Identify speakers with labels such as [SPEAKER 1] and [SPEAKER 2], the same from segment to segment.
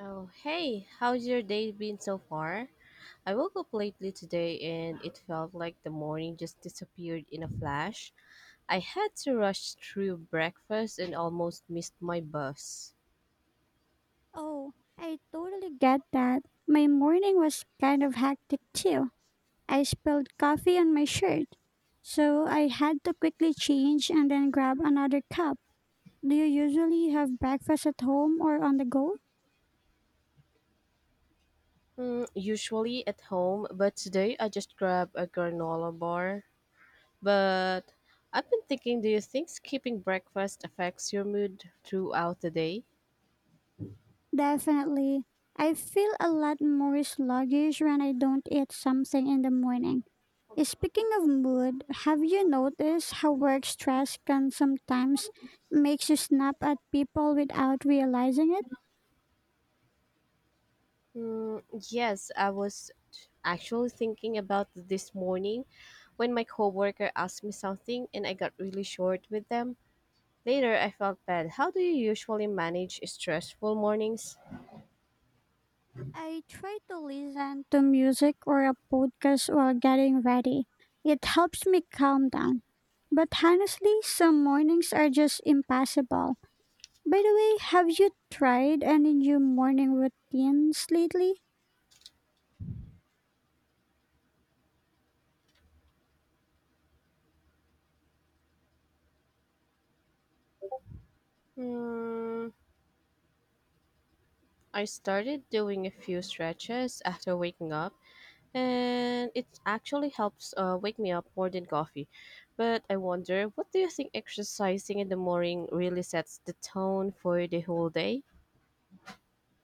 [SPEAKER 1] Oh, hey, how's your day been so far? I woke up lately today and it felt like the morning just disappeared in a flash. I had to rush through breakfast and almost missed my bus.
[SPEAKER 2] Oh, I totally get that. My morning was kind of hectic too. I spilled coffee on my shirt, so I had to quickly change and then grab another cup. Do you usually have breakfast at home or on the go?
[SPEAKER 1] Usually at home, but today I just grabbed a granola bar. But I've been thinking, do you think skipping breakfast affects your mood throughout the day?
[SPEAKER 2] Definitely. I feel a lot more sluggish when I don't eat something in the morning. Speaking of mood, have you noticed how work stress can sometimes makes you snap at people without realizing it?
[SPEAKER 1] Mm, yes, I was actually thinking about this morning when my coworker asked me something and I got really short with them. Later, I felt bad. How do you usually manage stressful mornings?
[SPEAKER 2] I try to listen to music or a podcast while getting ready. It helps me calm down. But honestly, some mornings are just impossible. By the way, have you tried any new morning routines lately?
[SPEAKER 1] Hmm, I started doing a few stretches after waking up, and it actually helps wake me up more than coffee. But I wonder, what do you think exercising in the morning really sets the tone for the whole day?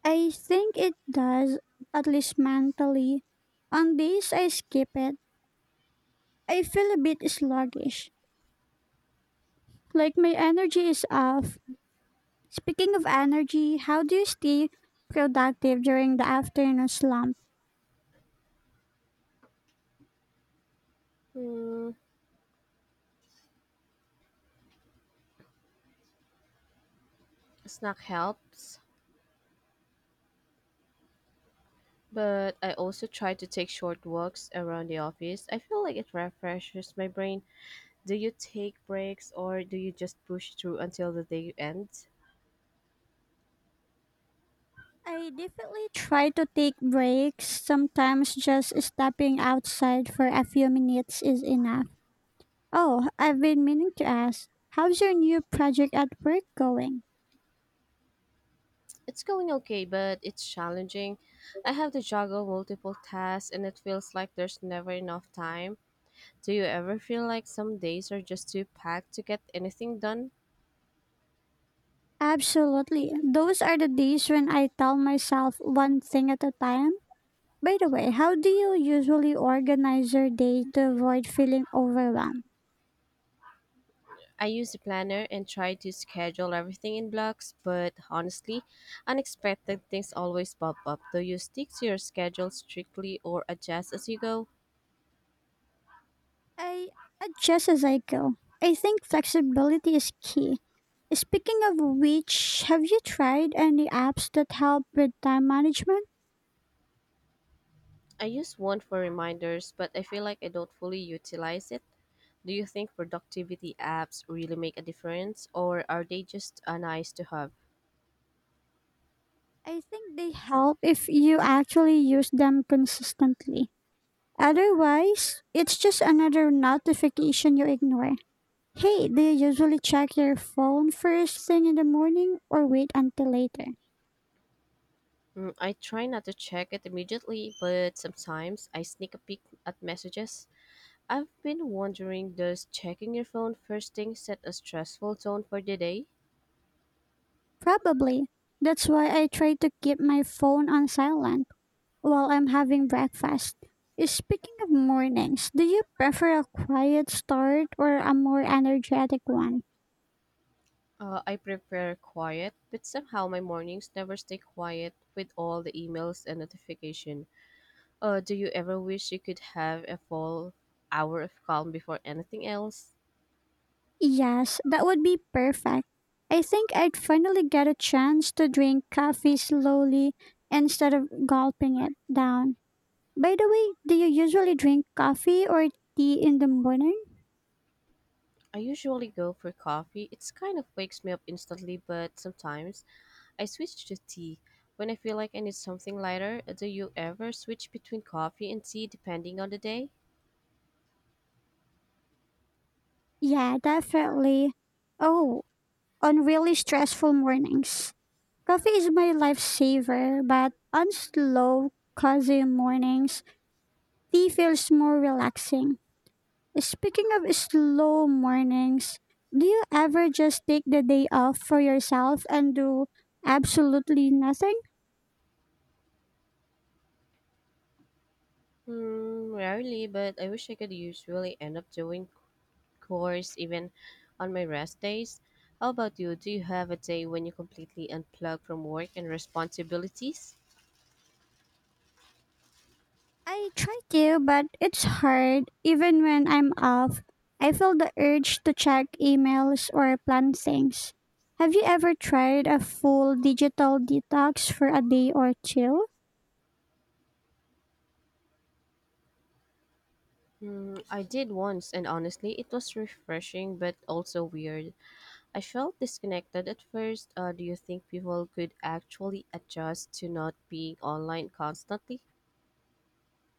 [SPEAKER 2] I think it does, at least mentally. On days I skip it, I feel a bit sluggish, like my energy is off. Speaking of energy, how do you stay productive during the afternoon slump?
[SPEAKER 1] Hmm, Snack helps, but I also try to take short walks around the office. I feel like it refreshes my brain. Do you take breaks or do you just push through until the day ends?
[SPEAKER 2] I definitely try to take breaks. Sometimes just stepping outside for a few minutes is enough. Oh, I've been meaning to ask, how's your new project at work going?
[SPEAKER 1] It's going okay, but it's challenging. I have to juggle multiple tasks and it feels like there's never enough time. Do you ever feel like some days are just too packed to get anything done?
[SPEAKER 2] Absolutely. Those are the days when I tell myself one thing at a time. By the way, how do you usually organize your day to avoid feeling overwhelmed?
[SPEAKER 1] I use a planner and try to schedule everything in blocks, but honestly, unexpected things always pop up. Do you stick to your schedule strictly or adjust as you go?
[SPEAKER 2] I adjust as I go. I think flexibility is key. Speaking of which, have you tried any apps that help with time management?
[SPEAKER 1] I use one for reminders, but I feel like I don't fully utilize it. Do you think productivity apps really make a difference, or are they just a nice to have?
[SPEAKER 2] I think they help if you actually use them consistently. Otherwise, it's just another notification you ignore. Hey, do you usually check your phone first thing in the morning or wait until later?
[SPEAKER 1] I try not to check it immediately, but sometimes I sneak a peek at messages. I've been wondering, does checking your phone first thing set a stressful tone for the day?
[SPEAKER 2] Probably. That's why I try to keep my phone on silent while I'm having breakfast. Speaking of mornings, do you prefer a quiet start or a more energetic one?
[SPEAKER 1] I prefer quiet, but somehow my mornings never stay quiet with all the emails and notification. Do you ever wish you could have a full hour of calm before anything else?
[SPEAKER 2] Yes, that would be perfect. I think I'd finally get a chance to drink coffee slowly instead of gulping it down. By the way, do you usually drink coffee or tea in the morning?
[SPEAKER 1] I usually go for coffee. It's kind of wakes me up instantly, but sometimes I switch to tea when I feel like I need something lighter. Do you ever switch between coffee and tea depending on the day?
[SPEAKER 2] Yeah, definitely. Oh, on really stressful mornings, coffee is my lifesaver, but on slow, cozy mornings, tea feels more relaxing. Speaking of slow mornings, do you ever just take the day off for yourself and do absolutely nothing?
[SPEAKER 1] Rarely, but I wish I could usually end up doing chores even on my rest days. How about you? Do you have a day when you completely unplug from work and responsibilities?
[SPEAKER 2] I try to, but it's hard. Even when I'm off, I feel the urge to check emails or plan things. Have you ever tried a full digital detox for a day or two?
[SPEAKER 1] I did once, and honestly, it was refreshing but also weird. I felt disconnected at first. Do you think people could actually adjust to not being online constantly?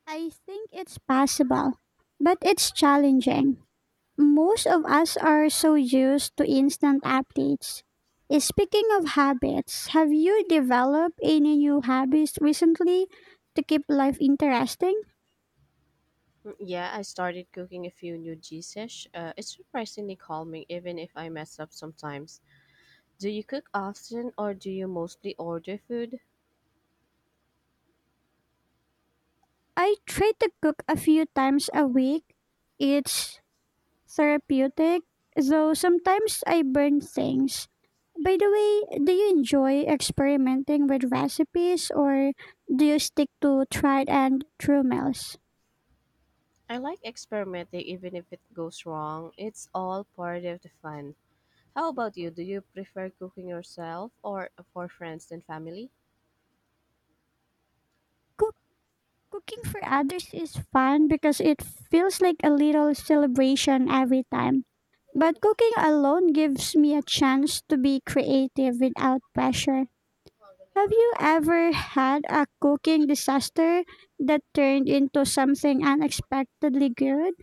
[SPEAKER 2] I think it's possible, but it's challenging. Most of us are so used to instant updates. Speaking of habits, have you developed any new habits recently to keep life interesting?
[SPEAKER 1] Yeah, I started cooking a few new dishes. It's surprisingly calming, even if I mess up sometimes. Do you cook often or do you mostly order food?
[SPEAKER 2] I try to cook a few times a week. It's therapeutic, though sometimes I burn things. By the way, do you enjoy experimenting with recipes or do you stick to tried and true meals?
[SPEAKER 1] I like experimenting even if it goes wrong. It's all part of the fun. How about you? Do you prefer cooking yourself or for friends and family?
[SPEAKER 2] Cook- Cooking for others is fun because it feels like a little celebration every time. But cooking alone gives me a chance to be creative without pressure. Have you ever had a cooking disaster that turned into something unexpectedly good?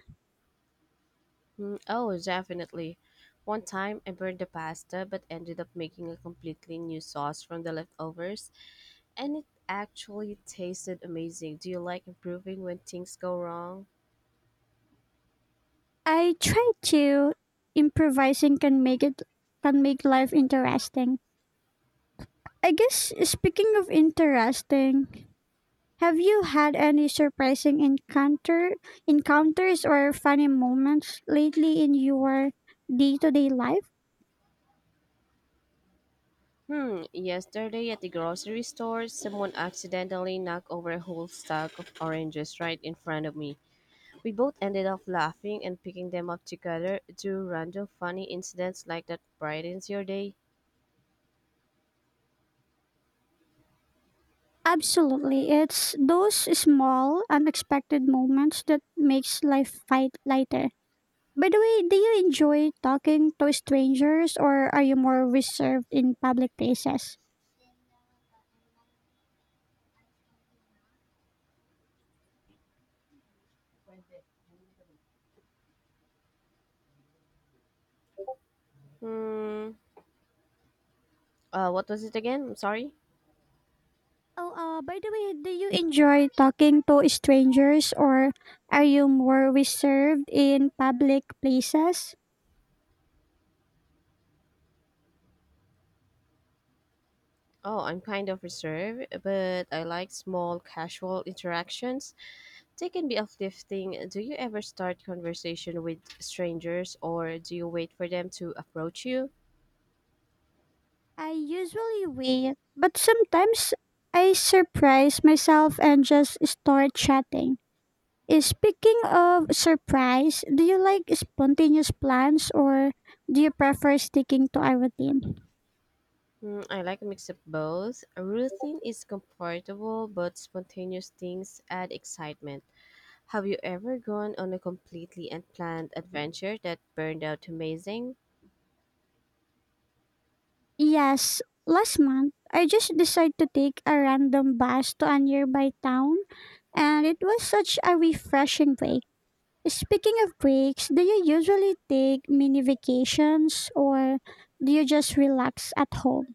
[SPEAKER 1] Oh, definitely. One time I burned the pasta but ended up making a completely new sauce from the leftovers and it actually tasted amazing. Do you like improving when things go wrong?
[SPEAKER 2] I try to. Improvising can make life interesting. I guess speaking of interesting, have you had any surprising encounters or funny moments lately in your day-to-day life?
[SPEAKER 1] Yesterday at the grocery store, someone accidentally knocked over a whole stack of oranges right in front of me. We both ended up laughing and picking them up together. Do random funny incidents like that brightens your day?
[SPEAKER 2] Absolutely. It's those small unexpected moments that makes life fight lighter. By the way, do you enjoy talking to strangers or are you more reserved in public places?
[SPEAKER 1] Hmm. What was it again? I'm sorry.
[SPEAKER 2] Oh, by the way, do you enjoy talking to strangers or are you more reserved in public places?
[SPEAKER 1] Oh, I'm kind of reserved, but I like small, casual interactions. They can be uplifting. Do you ever start conversation with strangers or do you wait for them to approach you?
[SPEAKER 2] I usually wait, but sometimes I surprise myself and just start chatting. Speaking of surprise, do you like spontaneous plans or do you prefer sticking to a routine?
[SPEAKER 1] I like a mix of both. A routine is comfortable, but spontaneous things add excitement. Have you ever gone on a completely unplanned adventure that turned out amazing?
[SPEAKER 2] Yes, last month I just decided to take a random bus to a nearby town, and it was such a refreshing break. Speaking of breaks, do you usually take mini vacations or do you just relax at home?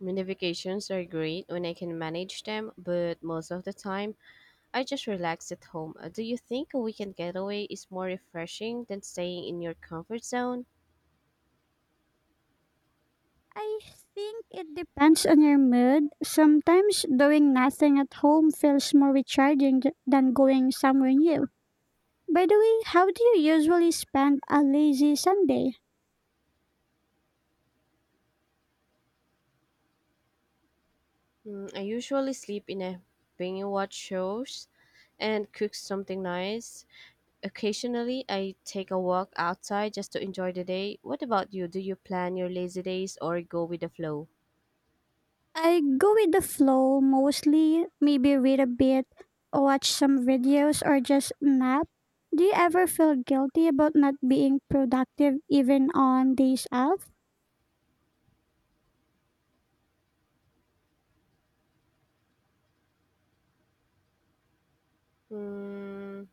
[SPEAKER 1] Mini vacations are great when I can manage them, but most of the time, I just relax at home. Do you think a weekend getaway is more refreshing than staying in your comfort zone?
[SPEAKER 2] I think it depends on your mood. Sometimes doing nothing at home feels more recharging than going somewhere new. By the way, how do you usually spend a lazy Sunday?
[SPEAKER 1] I usually sleep in a binge watch shows and cook something nice. Occasionally, I take a walk outside just to enjoy the day. What about you? Do you plan your lazy days or go with the flow?
[SPEAKER 2] I go with the flow mostly, maybe read a bit, watch some videos, or just nap. Do you ever feel guilty about not being productive even on days off?
[SPEAKER 1] Hmm,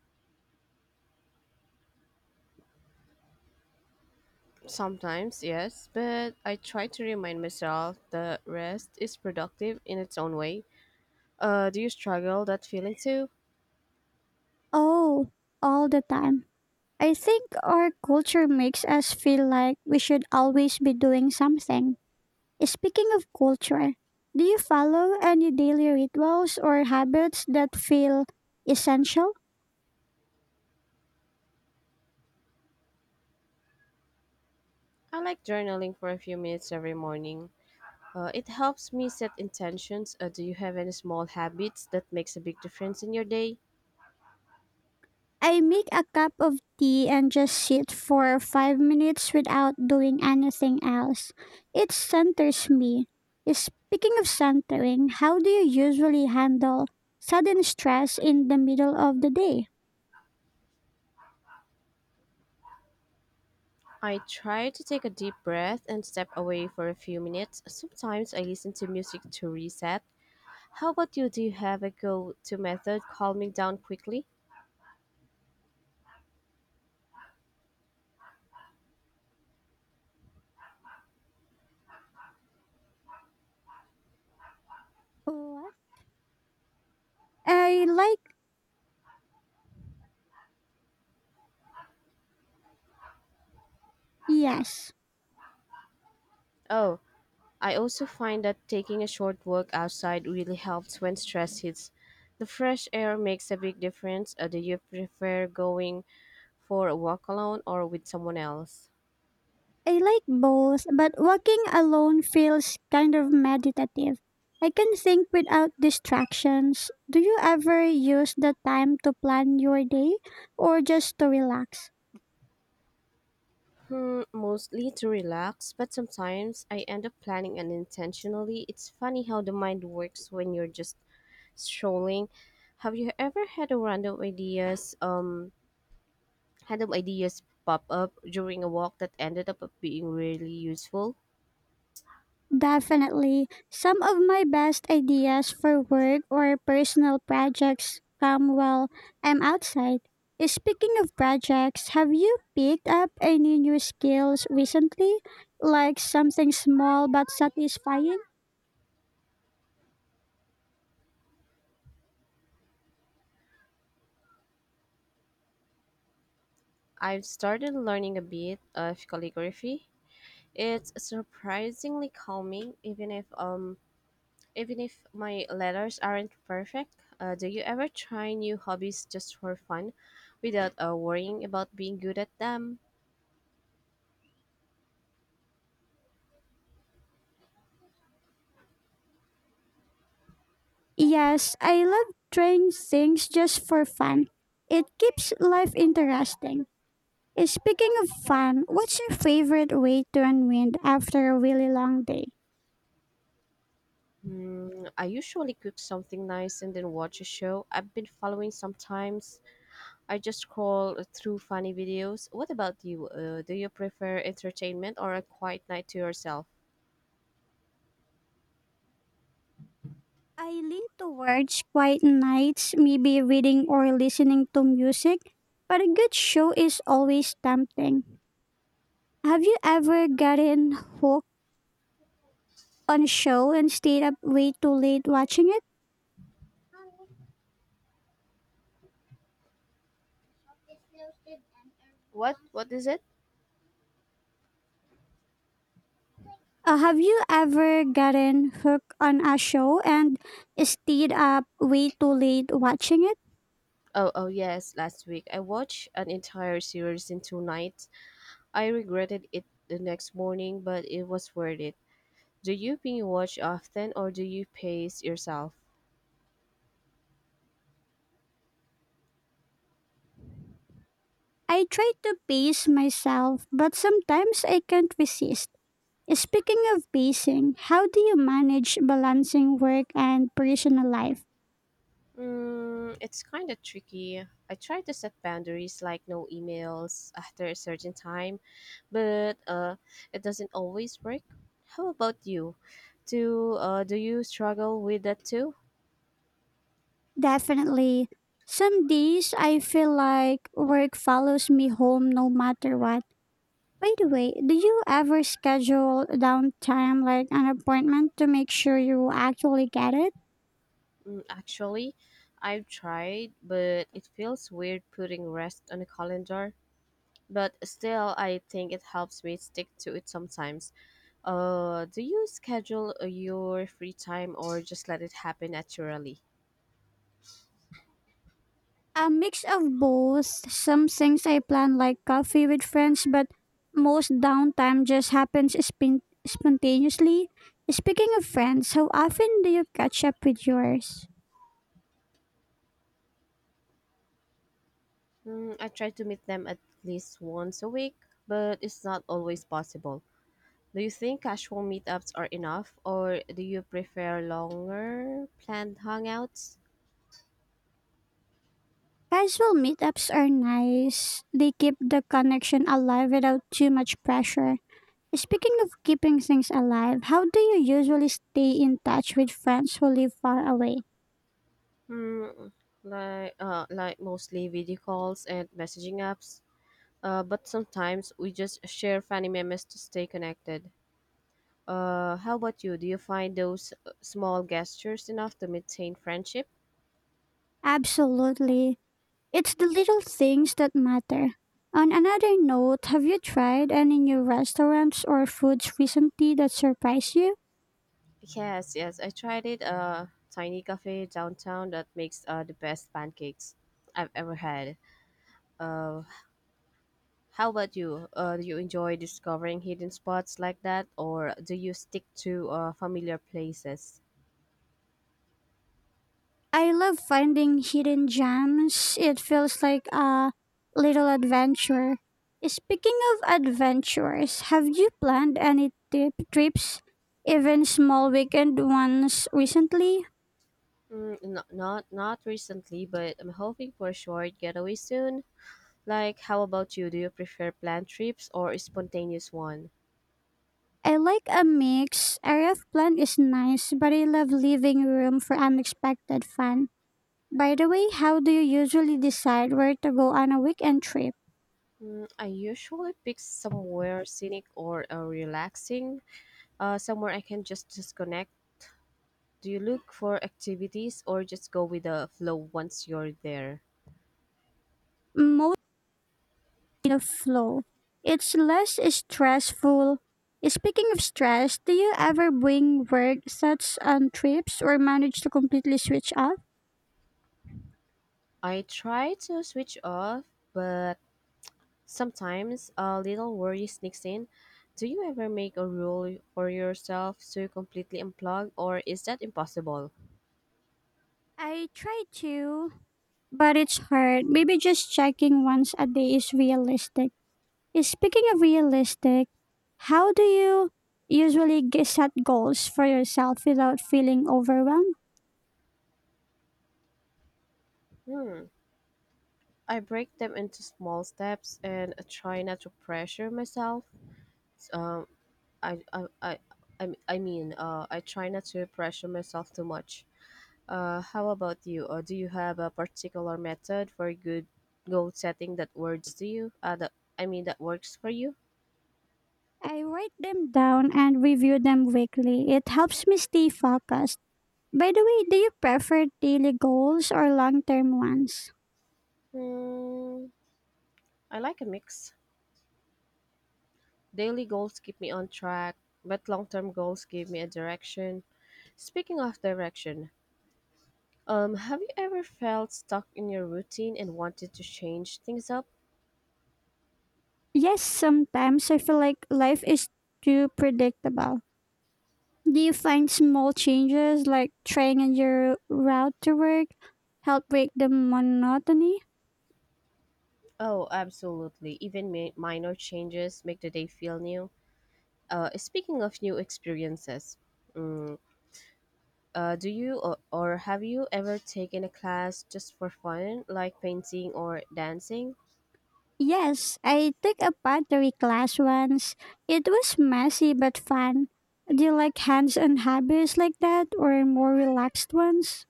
[SPEAKER 1] Sometimes, yes, but I try to remind myself that rest is productive in its own way. Do you struggle that feeling too?
[SPEAKER 2] Oh, all the time. I think our culture makes us feel like we should always be doing something. Speaking of culture, do you follow any daily rituals or habits that feel essential?
[SPEAKER 1] I like journaling for a few minutes every morning. It helps me set intentions. Do you have any small habits that makes a big difference in your day?
[SPEAKER 2] I make a cup of tea and just sit for 5 minutes without doing anything else. It centers me. Speaking of centering, how do you usually handle sudden stress in the middle of the day?
[SPEAKER 1] I try to take a deep breath and step away for a few minutes. Sometimes I listen to music to reset. How about you? Do you have a go to method calming down quickly?
[SPEAKER 2] What? I like, yes,
[SPEAKER 1] Oh, I also find that taking a short walk outside really helps when stress hits. The fresh air makes a big difference. Do you prefer going for a walk alone or with someone else?
[SPEAKER 2] I like both, but walking alone feels kind of meditative. I can think without distractions. Do you ever use the time to plan your day or just to relax?
[SPEAKER 1] Mostly to relax, but sometimes I end up planning unintentionally. It's funny how the mind works when you're just strolling. Have you ever had a random ideas pop up during a walk that ended up being really useful?
[SPEAKER 2] Definitely. Some of my best ideas for work or personal projects come while I'm outside. Speaking of projects, have you picked up any new skills recently? Like something small but satisfying?
[SPEAKER 1] I've started learning a bit of calligraphy. It's surprisingly calming, even if my letters aren't perfect. Do you ever try new hobbies just for fun, without worrying about being good at them?
[SPEAKER 2] Yes, I love trying things just for fun. It keeps life interesting. Speaking of fun, what's your favorite way to unwind after a really long day?
[SPEAKER 1] I usually cook something nice and then watch a show I've been following sometimes. I just scroll through funny videos. What about you? Do you prefer entertainment or a quiet night to yourself?
[SPEAKER 2] I lean towards quiet nights, maybe reading or listening to music, but a good show is always tempting. Have you ever gotten hooked on a show and stayed up way too late watching it?
[SPEAKER 1] What? What is it?
[SPEAKER 2] Have you ever gotten hooked on a show and stayed up way too late watching it?
[SPEAKER 1] Oh, oh yes, last week I watched an entire series in two nights. I regretted it the next morning, but it was worth it. Do you binge watch often or do you pace yourself?
[SPEAKER 2] I try to pace myself, but sometimes I can't resist. Speaking of pacing, how do you manage balancing work and personal life?
[SPEAKER 1] It's kind of tricky. I try to set boundaries like no emails after a certain time, but it doesn't always work. How about you? Do you struggle with that too?
[SPEAKER 2] Definitely. Some days I feel like work follows me home no matter what. By the way, do you ever schedule downtime like an appointment to make sure you actually get it?
[SPEAKER 1] Actually, I've tried, but it feels weird putting rest on a calendar. But still, I think it helps me stick to it sometimes. Do you schedule your free time or just let it happen naturally?
[SPEAKER 2] A mix of both. Some things I plan like coffee with friends, but most downtime just happens spontaneously. Speaking of friends, how often do you catch up with yours?
[SPEAKER 1] I try to meet them at least once a week, but it's not always possible. Do you think casual meetups are enough, or do you prefer longer planned hangouts?
[SPEAKER 2] Casual meetups are nice. They keep the connection alive without too much pressure. Speaking of keeping things alive, how do you usually stay in touch with friends who live far away?
[SPEAKER 1] Hmm, like mostly video calls and messaging apps. But sometimes we just share funny memes to stay connected. How about you? Do you find those small gestures enough to maintain friendship?
[SPEAKER 2] Absolutely. It's the little things that matter. On another note, have you tried any new restaurants or foods recently that surprise you?
[SPEAKER 1] Yes. I tried it. A tiny cafe downtown that makes the best pancakes I've ever had. Uh, How about you? Do you enjoy discovering hidden spots like that, or do you stick to familiar places?
[SPEAKER 2] I love finding hidden gems. It feels like a little adventure. Speaking of adventures, have you planned any tip trips, even small weekend ones recently?
[SPEAKER 1] Not recently, but I'm hoping for a short getaway soon. Like, how about you? Do you prefer planned trips or a spontaneous one?
[SPEAKER 2] I like a mix. Area of plan is nice, but I love leaving room for unexpected fun. By the way, how do you usually decide where to go on a weekend trip?
[SPEAKER 1] I usually pick somewhere scenic or relaxing, somewhere I can just disconnect. Do you look for activities or just go with the flow once you're there?
[SPEAKER 2] Most in a flow. It's less stressful. Speaking of stress, do you ever bring work sets on trips or manage to completely switch off?
[SPEAKER 1] I try to switch off, but sometimes a little worry sneaks in. Do you ever make a rule for yourself to completely unplug, or is that impossible?
[SPEAKER 2] I try to, but it's hard. Maybe just checking once a day is realistic. Speaking of realistic, how do you usually set goals for yourself without feeling overwhelmed?
[SPEAKER 1] Hmm. I break them into small steps and try not to pressure myself. Um, I, I, I, I m- I mean, I try not to pressure myself too much. How about you? Or do you have a particular method for good goal setting that works to you? That, I mean, that works for you?
[SPEAKER 2] I write them down and review them weekly. It helps me stay focused. By the way, do you prefer daily goals or long term ones?
[SPEAKER 1] Hmm. I like a mix. Daily goals keep me on track, but long-term goals give me a direction. Speaking of direction, have you ever felt stuck in your routine and wanted to change things up?
[SPEAKER 2] Yes, sometimes I feel like life is too predictable. Do you find small changes like trying your route to work help break the monotony?
[SPEAKER 1] Oh, absolutely. Even minor changes make the day feel new. Speaking of new experiences, mm, do you or have you ever taken a class just for fun, like painting or dancing?
[SPEAKER 2] Yes, I took a pottery class once. It was messy but fun. Do you like hands on hobbies like that or more relaxed ones?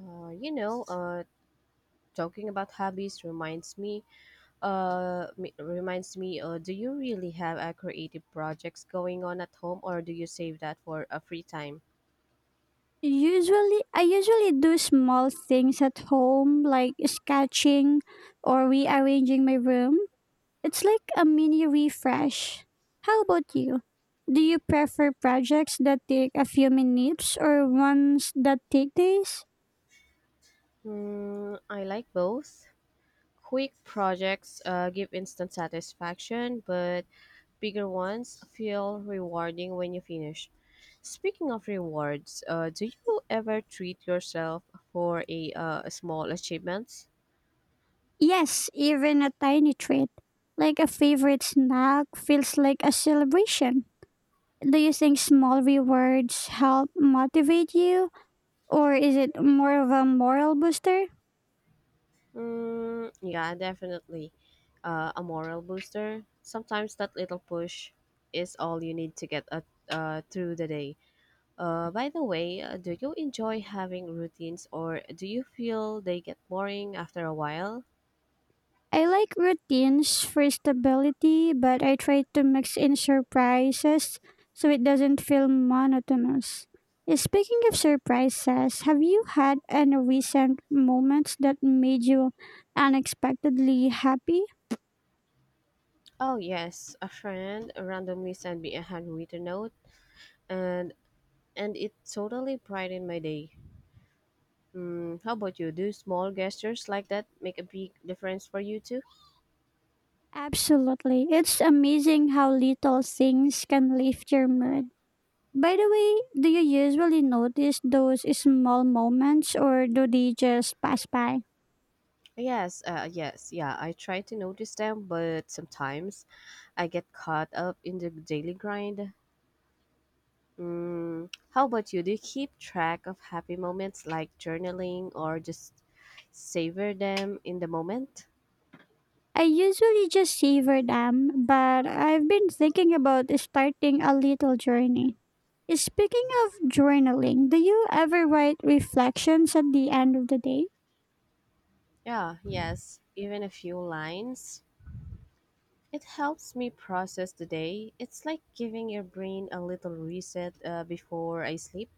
[SPEAKER 1] Uh, you know, uh, Talking about hobbies reminds me, do you really have a creative projects going on at home or do you save that for a free time?
[SPEAKER 2] I usually do small things at home like sketching or rearranging my room. It's like a mini refresh. How about you? Do you prefer projects that take a few minutes or ones that take days?
[SPEAKER 1] I like both. Quick projects give instant satisfaction, but bigger ones feel rewarding when you finish. Speaking of rewards, do you ever treat yourself for a small achievements?
[SPEAKER 2] Yes, even a tiny treat, like a favorite snack, feels like a celebration. Do you think small rewards help motivate you, or is it more of a moral booster?
[SPEAKER 1] Yeah, definitely. A moral booster. Sometimes that little push is all you need to get through the day. By the way, do you enjoy having routines or do you feel they get boring after a while?
[SPEAKER 2] I like routines for stability, but I try to mix in surprises so it doesn't feel monotonous. Speaking of surprises, have you had any recent moments that made you unexpectedly happy?
[SPEAKER 1] Oh, yes. A friend randomly sent me a handwritten note and, and it totally brightened my day. How about you? Do small gestures like that make a big difference for you too?
[SPEAKER 2] Absolutely. It's amazing how little things can lift your mood. By the way, do you usually notice those small moments or do they just pass by?
[SPEAKER 1] Yes, yeah, I try to notice them, but sometimes I get caught up in the daily grind. How about you? Do you keep track of happy moments like journaling or just savor them in the moment?
[SPEAKER 2] I usually just savor them, but I've been thinking about starting a little journey. Speaking of journaling, do you ever write reflections at the end of the day?
[SPEAKER 1] Yeah, yes, even a few lines. It helps me process the day. It's like giving your brain a little reset before I sleep.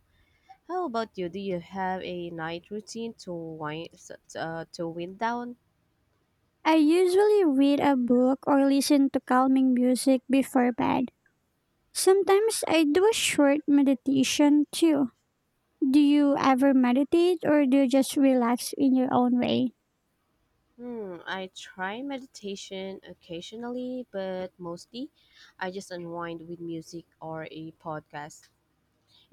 [SPEAKER 1] How about you? Do you have a night routine to wind down?
[SPEAKER 2] I usually read a book or listen to calming music before bed. Sometimes I do a short meditation too. Do you ever meditate or do you just relax in your own way?
[SPEAKER 1] I try meditation occasionally, but mostly I just unwind with music or a podcast.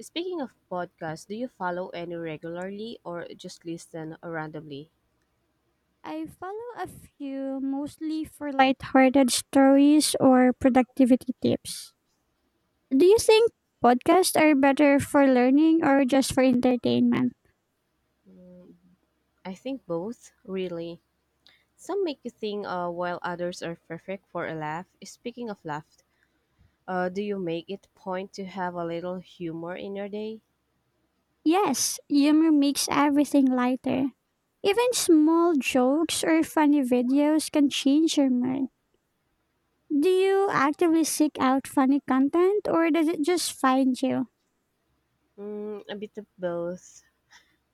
[SPEAKER 1] Speaking of podcasts, do you follow any regularly or just listen randomly?
[SPEAKER 2] I follow a few mostly for lighthearted stories or productivity tips. Do you think podcasts are better for learning or just for entertainment?
[SPEAKER 1] Hmm, I think both, really. Some make you think while others are perfect for a laugh. Speaking of laugh, do you make it point to have a little humor in your day?
[SPEAKER 2] Yes, humor makes everything lighter. Even small jokes or funny videos can change your mood. Do you actively seek out funny content or does it just find you?
[SPEAKER 1] A bit of both,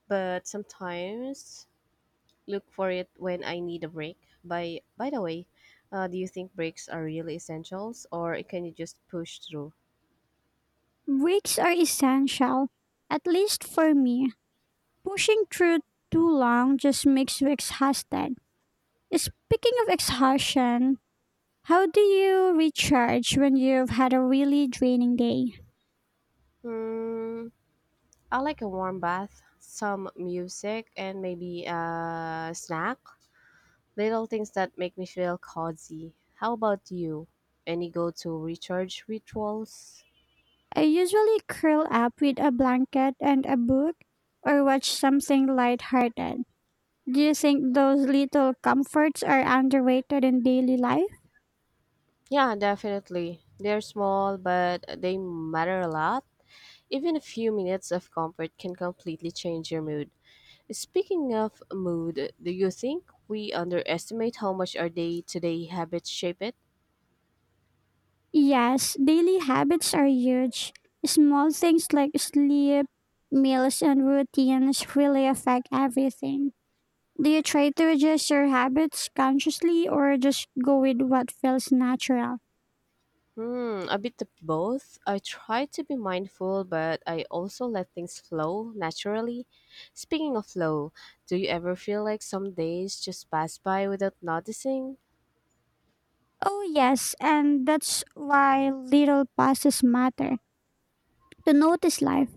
[SPEAKER 1] but sometimes look for it when I need a break. By the way, do you think breaks are really essentials, or can you just push through?
[SPEAKER 2] Breaks are essential, at least for me. Pushing through too long just makes you exhausted. Speaking of exhaustion, how do you recharge when you've had a really draining day?
[SPEAKER 1] Hmm, I like a warm bath, some music, and maybe a snack. Little things that make me feel cozy. How about you? Any go-to recharge rituals?
[SPEAKER 2] I usually curl up with a blanket and a book or watch something lighthearted. Do you think those little comforts are underrated in daily life?
[SPEAKER 1] Yeah, definitely. They're small, but they matter a lot. Even a few minutes of comfort can completely change your mood. Speaking of mood, do you think we underestimate how much our day to day habits shape it?
[SPEAKER 2] Yes, daily habits are huge. Small things like sleep, meals, and routines really affect everything. Do you try to adjust your habits consciously or just go with what feels natural?
[SPEAKER 1] A bit of both. I try to be mindful, but I also let things flow naturally. Speaking of flow, do you ever feel like some days just pass by without noticing?
[SPEAKER 2] Oh, yes, and that's why little pauses matter to notice life.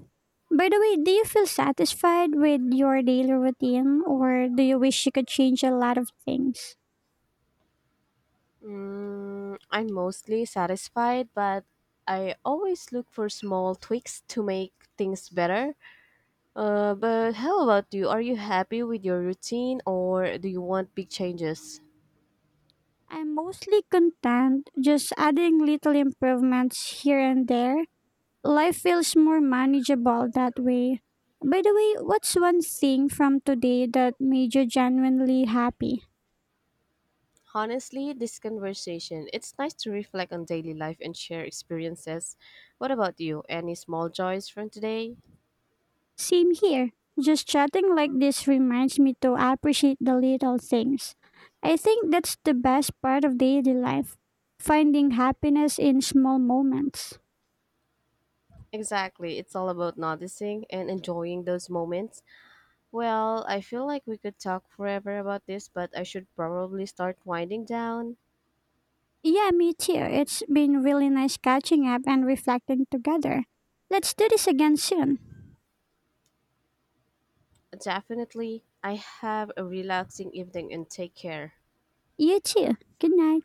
[SPEAKER 2] By the way, do you feel satisfied with your daily routine or do you wish you could change a lot of things?
[SPEAKER 1] I'm mostly satisfied, but I always look for small tweaks to make things better. But how about you? Are you happy with your routine or do you want big changes?
[SPEAKER 2] I'm mostly content, just adding little improvements here and there. Life feels more manageable that way. By the way, what's one thing from today that made you genuinely happy?
[SPEAKER 1] Honestly, this conversation, it's nice to reflect on daily life and share experiences. What about you? Any small joys from today?
[SPEAKER 2] Same here. Just chatting like this reminds me to appreciate the little things. I think that's the best part of daily life, finding happiness in small moments.
[SPEAKER 1] Exactly, it's all about noticing and enjoying those moments. Well, I feel like we could talk forever about this, but I should probably start winding down.
[SPEAKER 2] Yeah, me too. It's been really nice catching up and reflecting together. Let's do this again soon.
[SPEAKER 1] Definitely. I have a relaxing evening and take care.
[SPEAKER 2] You too. Good night.